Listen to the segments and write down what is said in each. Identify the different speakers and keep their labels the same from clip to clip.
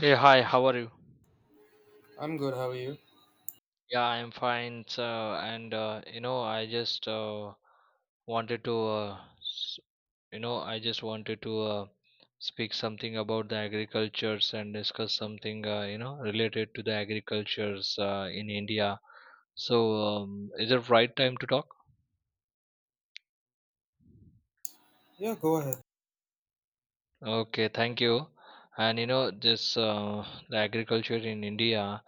Speaker 1: Hey, hi, how are you?
Speaker 2: I'm good, how are you?
Speaker 1: Yeah, I'm fine. So, and you know, I just wanted to, I just wanted to speak something about the agricultures and discuss something, related to the agricultures in India. So, is it right time to talk?
Speaker 2: Yeah, go ahead.
Speaker 1: Okay, thank you. And this the agriculture in India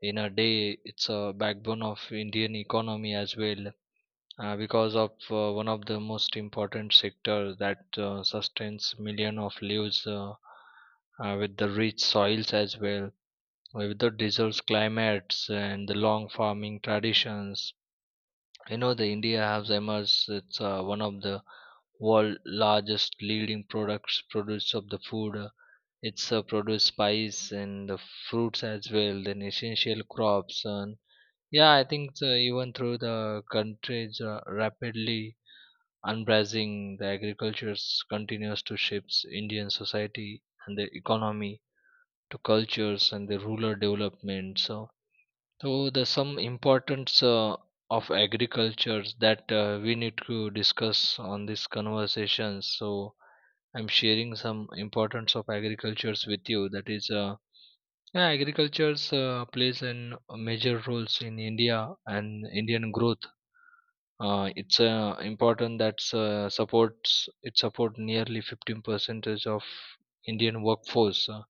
Speaker 1: in a day, it's a backbone of Indian economy as well, because of one of the most important sector that sustains million of lives, with the rich soils as well, with the diverse climates and the long farming traditions. The india has emerged, it's one of the world largest leading products produce of the food, it's produce spice and the fruits as well, then essential crops. And yeah, I think even through the countries rapidly embracing the agriculture continues to shape Indian society and the economy, to cultures and the rural development. So, there's some importance of agriculture that we need to discuss on this conversation. So, I'm sharing some importance of agricultures with you. That is, yeah, agricultures plays a major roles in India and Indian growth. It's important that supports, it support nearly 15% of Indian workforce,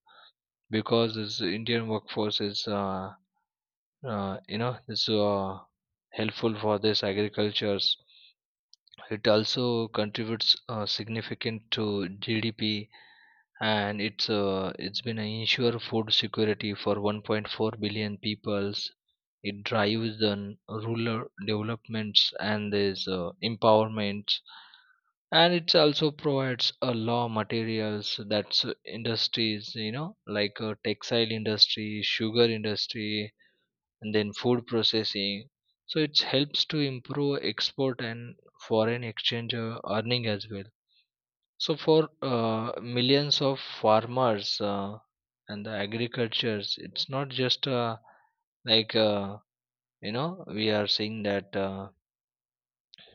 Speaker 1: because this Indian workforce is uh, you know is uh, helpful for this agricultures. It also contributes, significant to GDP, and it's been an ensure food security for 1.4 billion peoples. It drives the rural developments and this empowerment, and it also provides a law materials. That's industries like textile industry, sugar industry, and then food processing. So it helps to improve export and foreign exchange earning as well. So for millions of farmers, and the agricultures, it's not just, like uh, we are seeing that,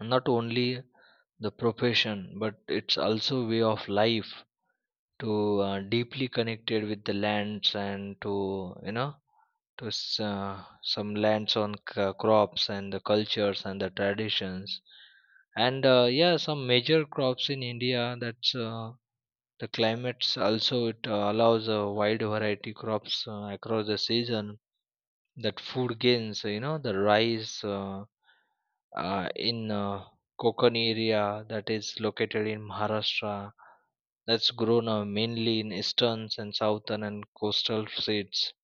Speaker 1: not only the profession but it's also way of life to, deeply connected with the lands and to, to some lands on crops and the cultures and the traditions. And yeah, some major crops in india, that's the climates also it allows a wide variety crops across the season, that food gains, the rice, in Konkan area that is located in Maharashtra, that's grown mainly in eastern and southern and coastal states.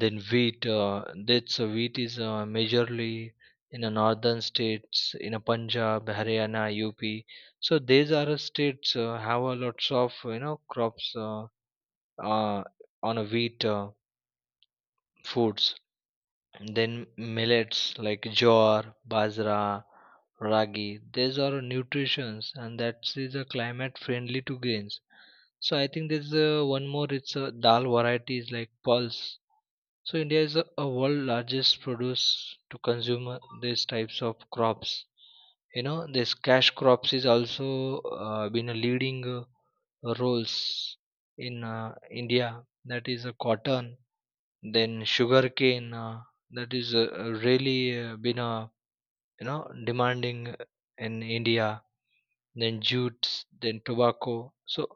Speaker 1: Then wheat, that's wheat is majorly in the northern states, in a Punjab, Haryana, UP. So these are, states have a lots of, crops, uh, on a wheat foods. Then millets like jowar, bajra, ragi, these are nutritions and that is a climate friendly to grains. So I think there's one more. It's a dal varieties like pulse. So India is a world largest produce to consume these types of crops. This cash crops is also been a leading roles in India. That is a cotton, then sugarcane, that is really been demanding in India. Then jutes, then tobacco. So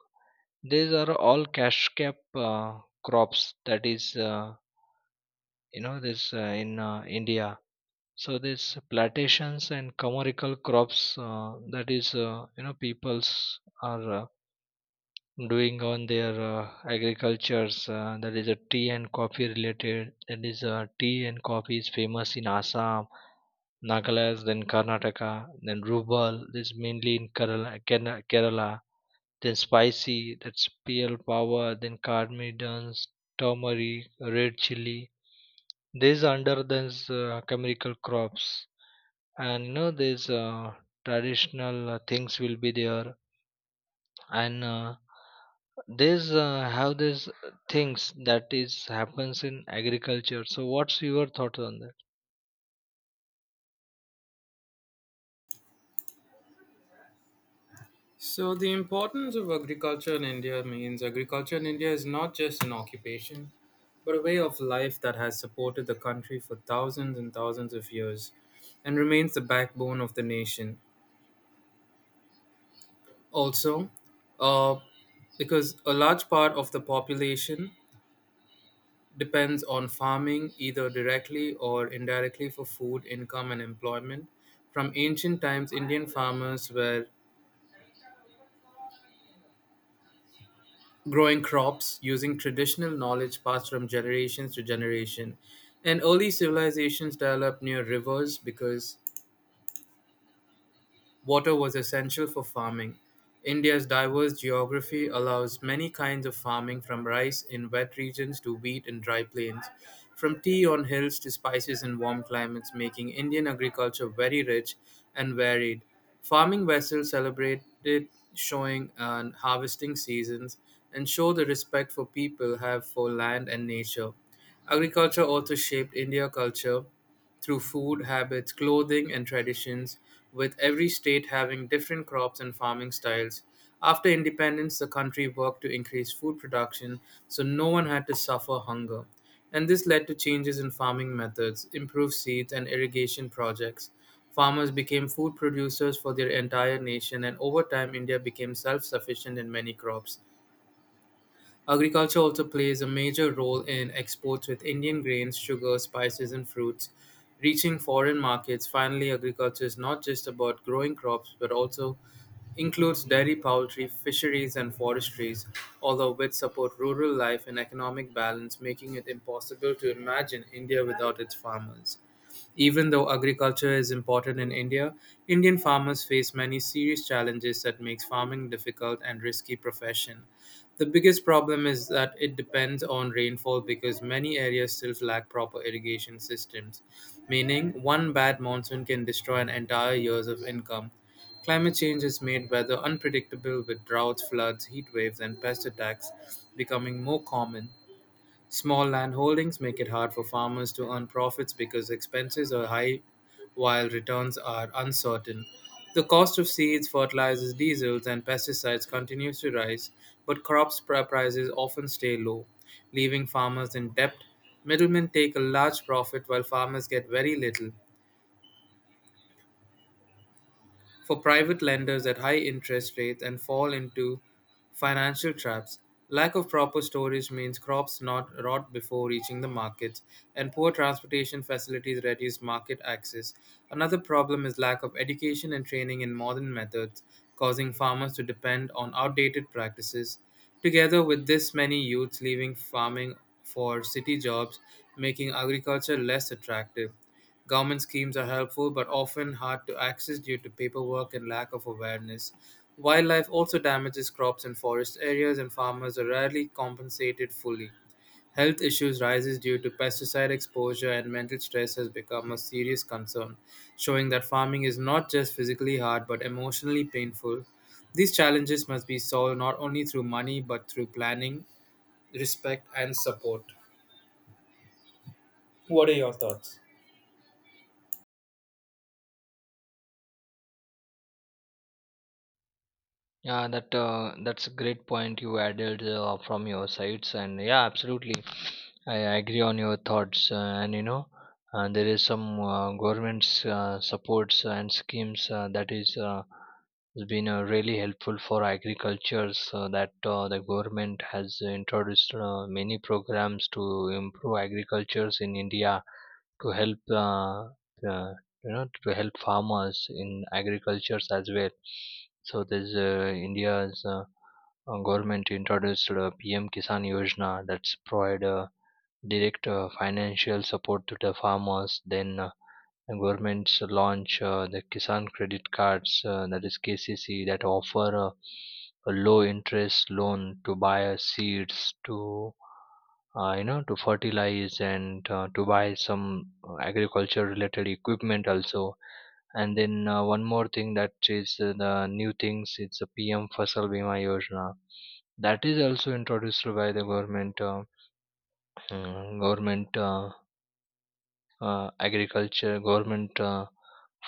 Speaker 1: these are all cash crop crops that is, you know this in India. So this plantations and commercial crops, that is, peoples are doing on their agricultures, that is a tea and coffee related. That is tea and coffee is famous in Assam, Nagaland, then Karnataka, then Rubal, this is mainly in Kerala. Then spicy, that's Peel power, then Cardamons, turmeric, red chili, these under these chemical crops. And these traditional things will be there. And there's have this things that is happens in agriculture. So what's your thought on that?
Speaker 2: So, the importance of agriculture in India means agriculture in India is not just an occupation, but a way of life that has supported the country for thousands and thousands of years and remains the backbone of the nation. Also, uh, because a large part of the population depends on farming either directly or indirectly for food, income, and employment. From ancient times, Indian farmers were growing crops, using traditional knowledge passed from generations to generation. And early civilizations developed near rivers because water was essential for farming. India's diverse geography allows many kinds of farming, from rice in wet regions to wheat in dry plains, from tea on hills to spices in warm climates, making Indian agriculture very rich and varied. Farming vessels celebrated showing and harvesting seasons and show the respect for people have for land and nature. Agriculture also shaped India culture through food habits, clothing, and traditions, with every state having different crops and farming styles. After independence, the country worked to increase food production so no one had to suffer hunger. And this led to changes in farming methods, improved seeds, and irrigation projects. Farmers became food producers for their entire nation, and over time, India became self sufficient in many crops. Agriculture also plays a major role in exports, with Indian grains, sugar, spices, and fruits reaching foreign markets. Finally, agriculture is not just about growing crops but also includes dairy, poultry, fisheries, and forestries, all of which support rural life and economic balance, making it impossible to imagine India without its farmers. Even though agriculture is important in India, Indian farmers face many serious challenges that makes farming difficult and risky profession. The biggest problem is that it depends on rainfall because many areas still lack proper irrigation systems, meaning one bad monsoon can destroy an entire years of income. Climate change has made weather unpredictable, with droughts, floods, heat waves, and pest attacks becoming more common. Small landholdings make it hard for farmers to earn profits because expenses are high while returns are uncertain. The cost of seeds, fertilizers, diesels, and pesticides continues to rise, but crops prices often stay low, leaving farmers in debt. Middlemen take a large profit while farmers get very little. For private lenders at high interest rates and fall into financial traps. Lack of proper storage means crops not rot before reaching the markets, and poor transportation facilities reduce market access. Another problem is lack of education and training in modern methods, causing farmers to depend on outdated practices. Together with this, many youths leaving farming for city jobs, making agriculture less attractive. Government schemes are helpful but often hard to access due to paperwork and lack of awareness. Wildlife also damages crops in forest areas and farmers are rarely compensated fully. Health issues rises due to pesticide exposure, and mental stress has become a serious concern, showing that farming is not just physically hard but emotionally painful. These challenges must be solved not only through money but through planning, respect and support. What are your thoughts?
Speaker 1: Yeah, that's a great point you added from your sides, and yeah, absolutely, I agree on your thoughts. There is some government's supports and schemes that is, has been really helpful for agriculture. So that the government has introduced many programs to improve agricultures in India, to help, uh, to help farmers in agricultures as well. So there's, India's government introduced PM Kisan Yojana, that's provide direct financial support to the farmers. Then the governments launch the Kisan credit cards, that is KCC, that offer a low interest loan to buy seeds, to to fertilize, and to buy some agriculture related equipment also. And then one more thing, that is the new things. It's a PM Fasal Bima Yojana that is also introduced by the government, mm, government uh, uh, agriculture, government uh,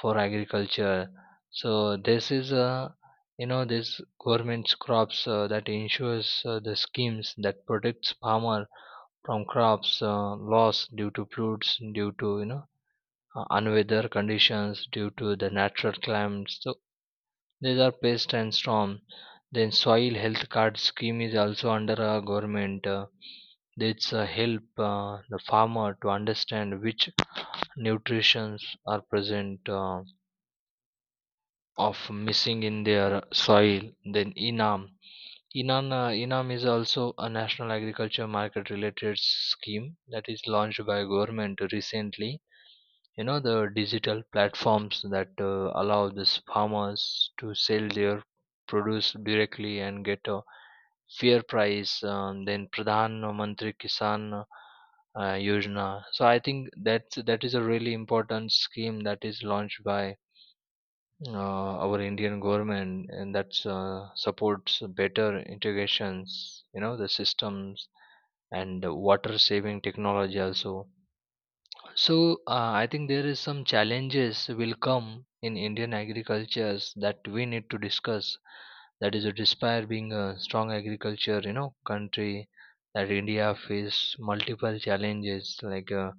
Speaker 1: for agriculture. So this is, this government's crops, that ensures the schemes that protects farmer from crops loss due to floods, due to unweather conditions, due to the natural climates. So these are pest and storm. Then soil health card scheme is also under our government. This help the farmer to understand which nutrients are present of missing in their soil. Then inam inam Enam is also a national agriculture market related scheme that is launched by government recently. You know the digital platforms that allow these farmers to sell their produce directly and get a fair price. Then Pradhan Mantri Kisan Yojana. So I think that is a really important scheme that is launched by uh, our Indian government, and that supports better integrations, you know, the systems and water saving technology also. So I think there is some challenges will come in Indian agricultures that we need to discuss. That is, despite being a strong agriculture, you know, country, that India face multiple challenges like,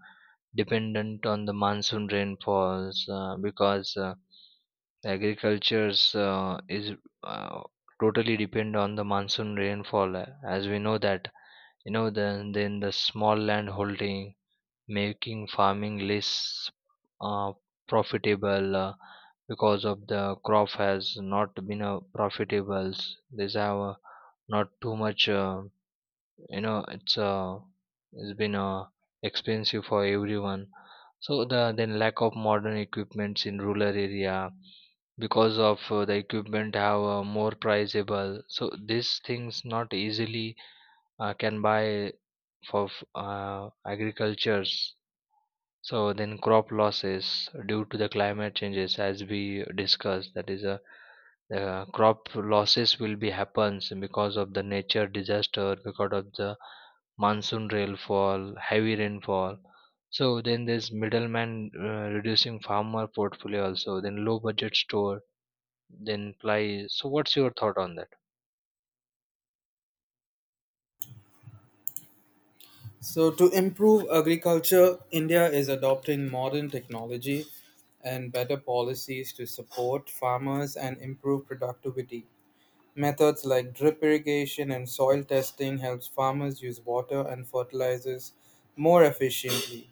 Speaker 1: dependent on the monsoon rainfalls, because agricultures, is uh, totally depend on the monsoon rainfall, as we know that, then the small land holding making farming less, uh, profitable, because of the crop has not been profitable. These have, not too much, you know it's uh, it's been expensive for everyone. So then lack of modern equipments in rural area, because of the equipment have, more priceable, so these things not easily can buy for agricultures. So then crop losses due to the climate changes, as we discussed, that is a crop losses will be happens because of the nature disaster, because of the monsoon rainfall, heavy rainfall. So then there's middleman reducing farmer portfolio also, then low budget store, then ply. So what's your thought on that?
Speaker 2: So, to improve agriculture, India is adopting modern technology and better policies to support farmers and improve productivity. Methods like drip irrigation and soil testing helps farmers use water and fertilizers more efficiently.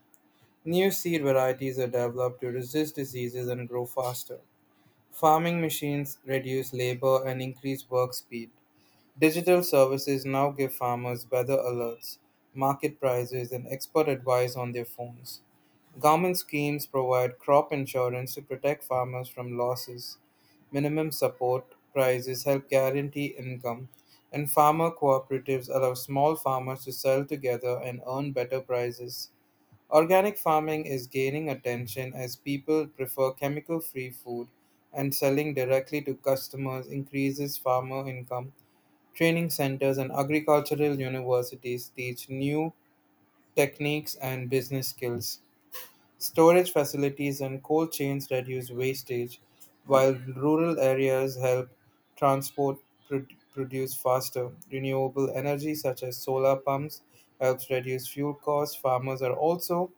Speaker 2: New seed varieties are developed to resist diseases and grow faster. Farming machines reduce labor and increase work speed. Digital services now give farmers weather alerts, market prices, and expert advice on their phones. Government schemes provide crop insurance to protect farmers from losses. Minimum support prices help guarantee income, and farmer cooperatives allow small farmers to sell together and earn better prices. Organic farming is gaining attention as people prefer chemical free food, and selling directly to customers increases farmer income. Training centers and agricultural universities teach new techniques and business skills. Storage facilities and cold chains reduce wastage, while rural areas help transport pro- produce faster. Renewable energy, such as solar pumps, helps reduce fuel costs. Farmers are also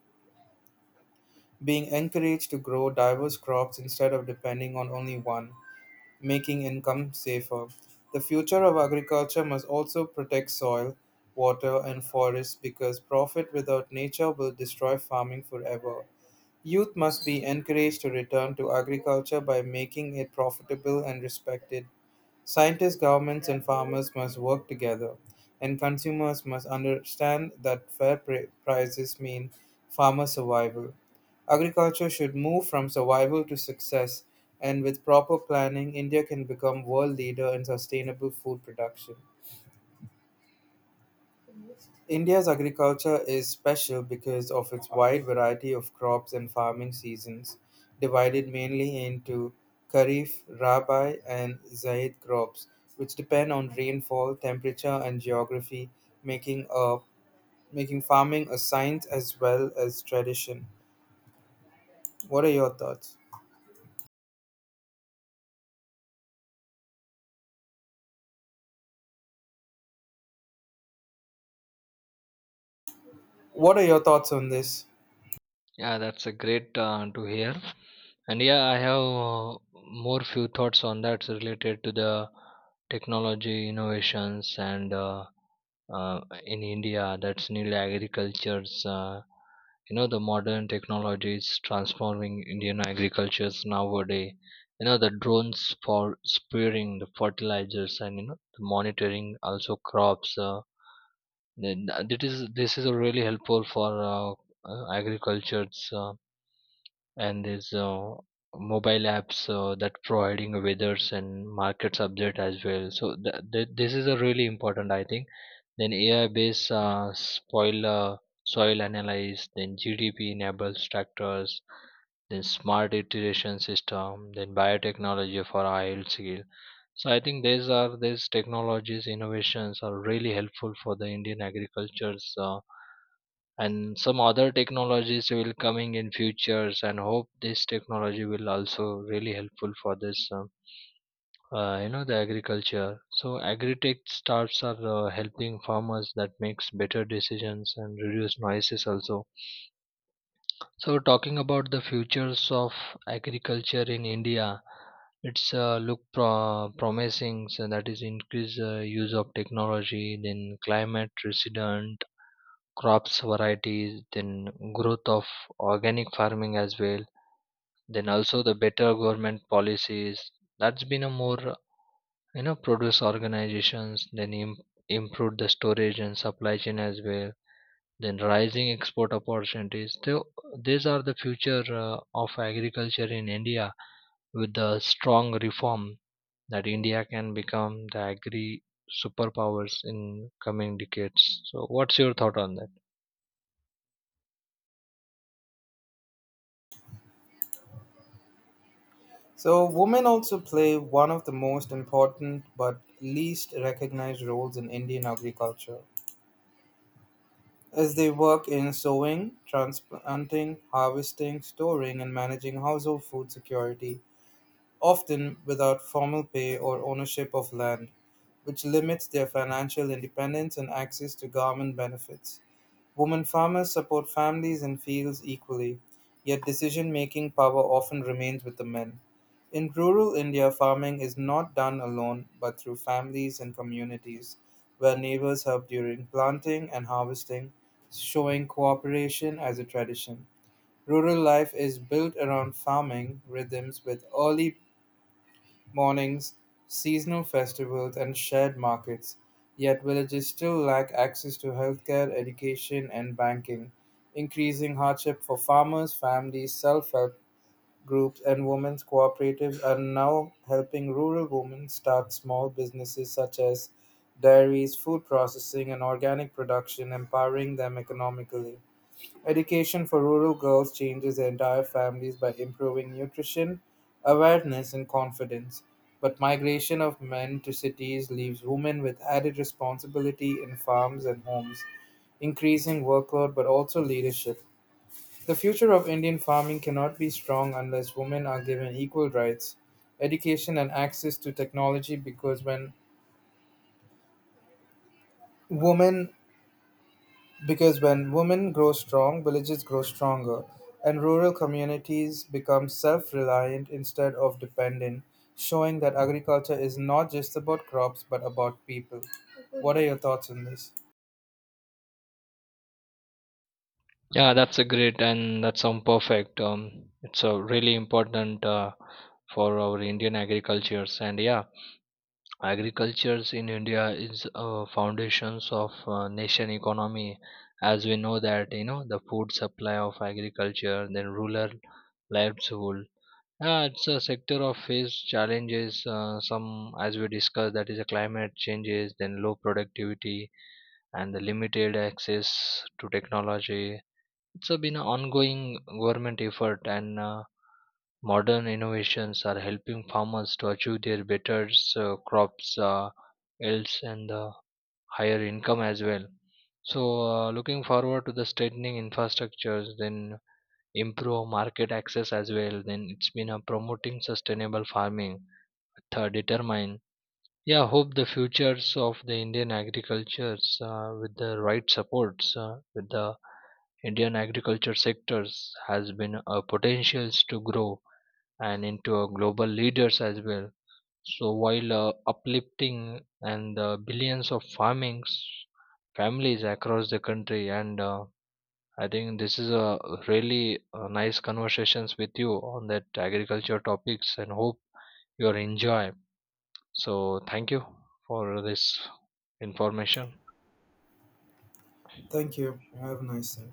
Speaker 2: being encouraged to grow diverse crops instead of depending on only one, making income safer. The future of agriculture must also protect soil, water, and forests because profit without nature will destroy farming forever. Youth must be encouraged to return to agriculture by making it profitable and respected. Scientists, governments, and farmers must work together, and consumers must understand that fair prices mean farmer survival. Agriculture should move from survival to success, and with proper planning, India can become world leader in sustainable food production. India's agriculture is special because of its wide variety of crops and farming seasons, divided mainly into Kharif, Rabi, and Zaid crops, which depend on rainfall, temperature, and geography, making a making farming a science as well as tradition. What are your thoughts? What are your thoughts on this?
Speaker 1: Yeah, that's a great to hear. And yeah, I have, more few thoughts on that related to the technology innovations and in India, that's new agriculture's, the modern technologies transforming Indian agricultures nowadays. You know the drones for spraying the fertilizers, and you know the monitoring also crops. This is really helpful for agriculture's. And there's mobile apps that providing weathers and markets update as well. So this is a really important, I think. Then ai based spoil soil analyze, then gdp enables tractors, then smart irrigation system, then biotechnology for oil seal. So I think these are these technologies innovations are really helpful for the indian agriculture's, and some other technologies will coming in futures, and hope this technology will also really helpful for this, the agriculture. So agri-tech startups are helping farmers that makes better decisions and reduce noises also. So talking about the futures of agriculture in india, it's look promising. So that is increase use of technology, then climate resilient crops varieties, then growth of organic farming as well, then also the better government policies, that's been a more, you know, produce organizations, then improved the storage and supply chain as well, then rising export opportunities. So these are the future of agriculture in india. With the strong reform, that india can become the agri superpowers in coming decades. So what's your thought on that?
Speaker 2: So, women also play one of the most important but least recognized roles in Indian agriculture, as they work in sowing, transplanting, harvesting, storing, and managing household food security, often without formal pay or ownership of land, which limits their financial independence and access to government benefits. Women farmers support families and fields equally, yet decision making power often remains with the men. In rural India, farming is not done alone but through families and communities, where neighbors help during planting and harvesting, showing cooperation as a tradition. Rural life is built around farming rhythms with early mornings, seasonal festivals, and shared markets, yet villages still lack access to healthcare, education, and banking, increasing hardship for farmers, families, self help groups, and women's cooperatives are now helping rural women start small businesses such as dairies, food processing, and organic production, empowering them economically. Education for rural girls changes entire families by improving nutrition, awareness, and confidence. But migration of men to cities leaves women with added responsibility in farms and homes, increasing workload but also leadership. The future of Indian farming cannot be strong unless women are given equal rights, education, and access to technology because when women Because when women grow strong, villages grow stronger, and rural communities become self reliant instead of dependent, showing that agriculture is not just about crops but about people. What are your thoughts on this?
Speaker 1: Yeah, that's a great, and that sound perfect. It's a really important for our Indian agricultures. And yeah, agricultures in India is foundations of nation economy, as we know that, you know, the food supply of agriculture, then rural livelihood. Yeah, it's a sector of face challenges. Some as we discussed, that is a climate changes, then low productivity and the limited access to technology. It's been an ongoing government effort, and modern innovations are helping farmers to achieve their better crops, yields, and higher income as well. So, looking forward to the strengthening infrastructures, then improve market access as well, then it's been promoting sustainable farming. Third, determine, yeah, hope the futures of the Indian agricultures, with the right supports, with the Indian agriculture sectors has been a potentials to grow and into a global leaders as well. So while uplifting, and billions of farmings families across the country, and I think this is a really nice conversations with you on that agriculture topics, and hope you enjoy. So, thank you for this information.
Speaker 2: Thank you. Have a nice day.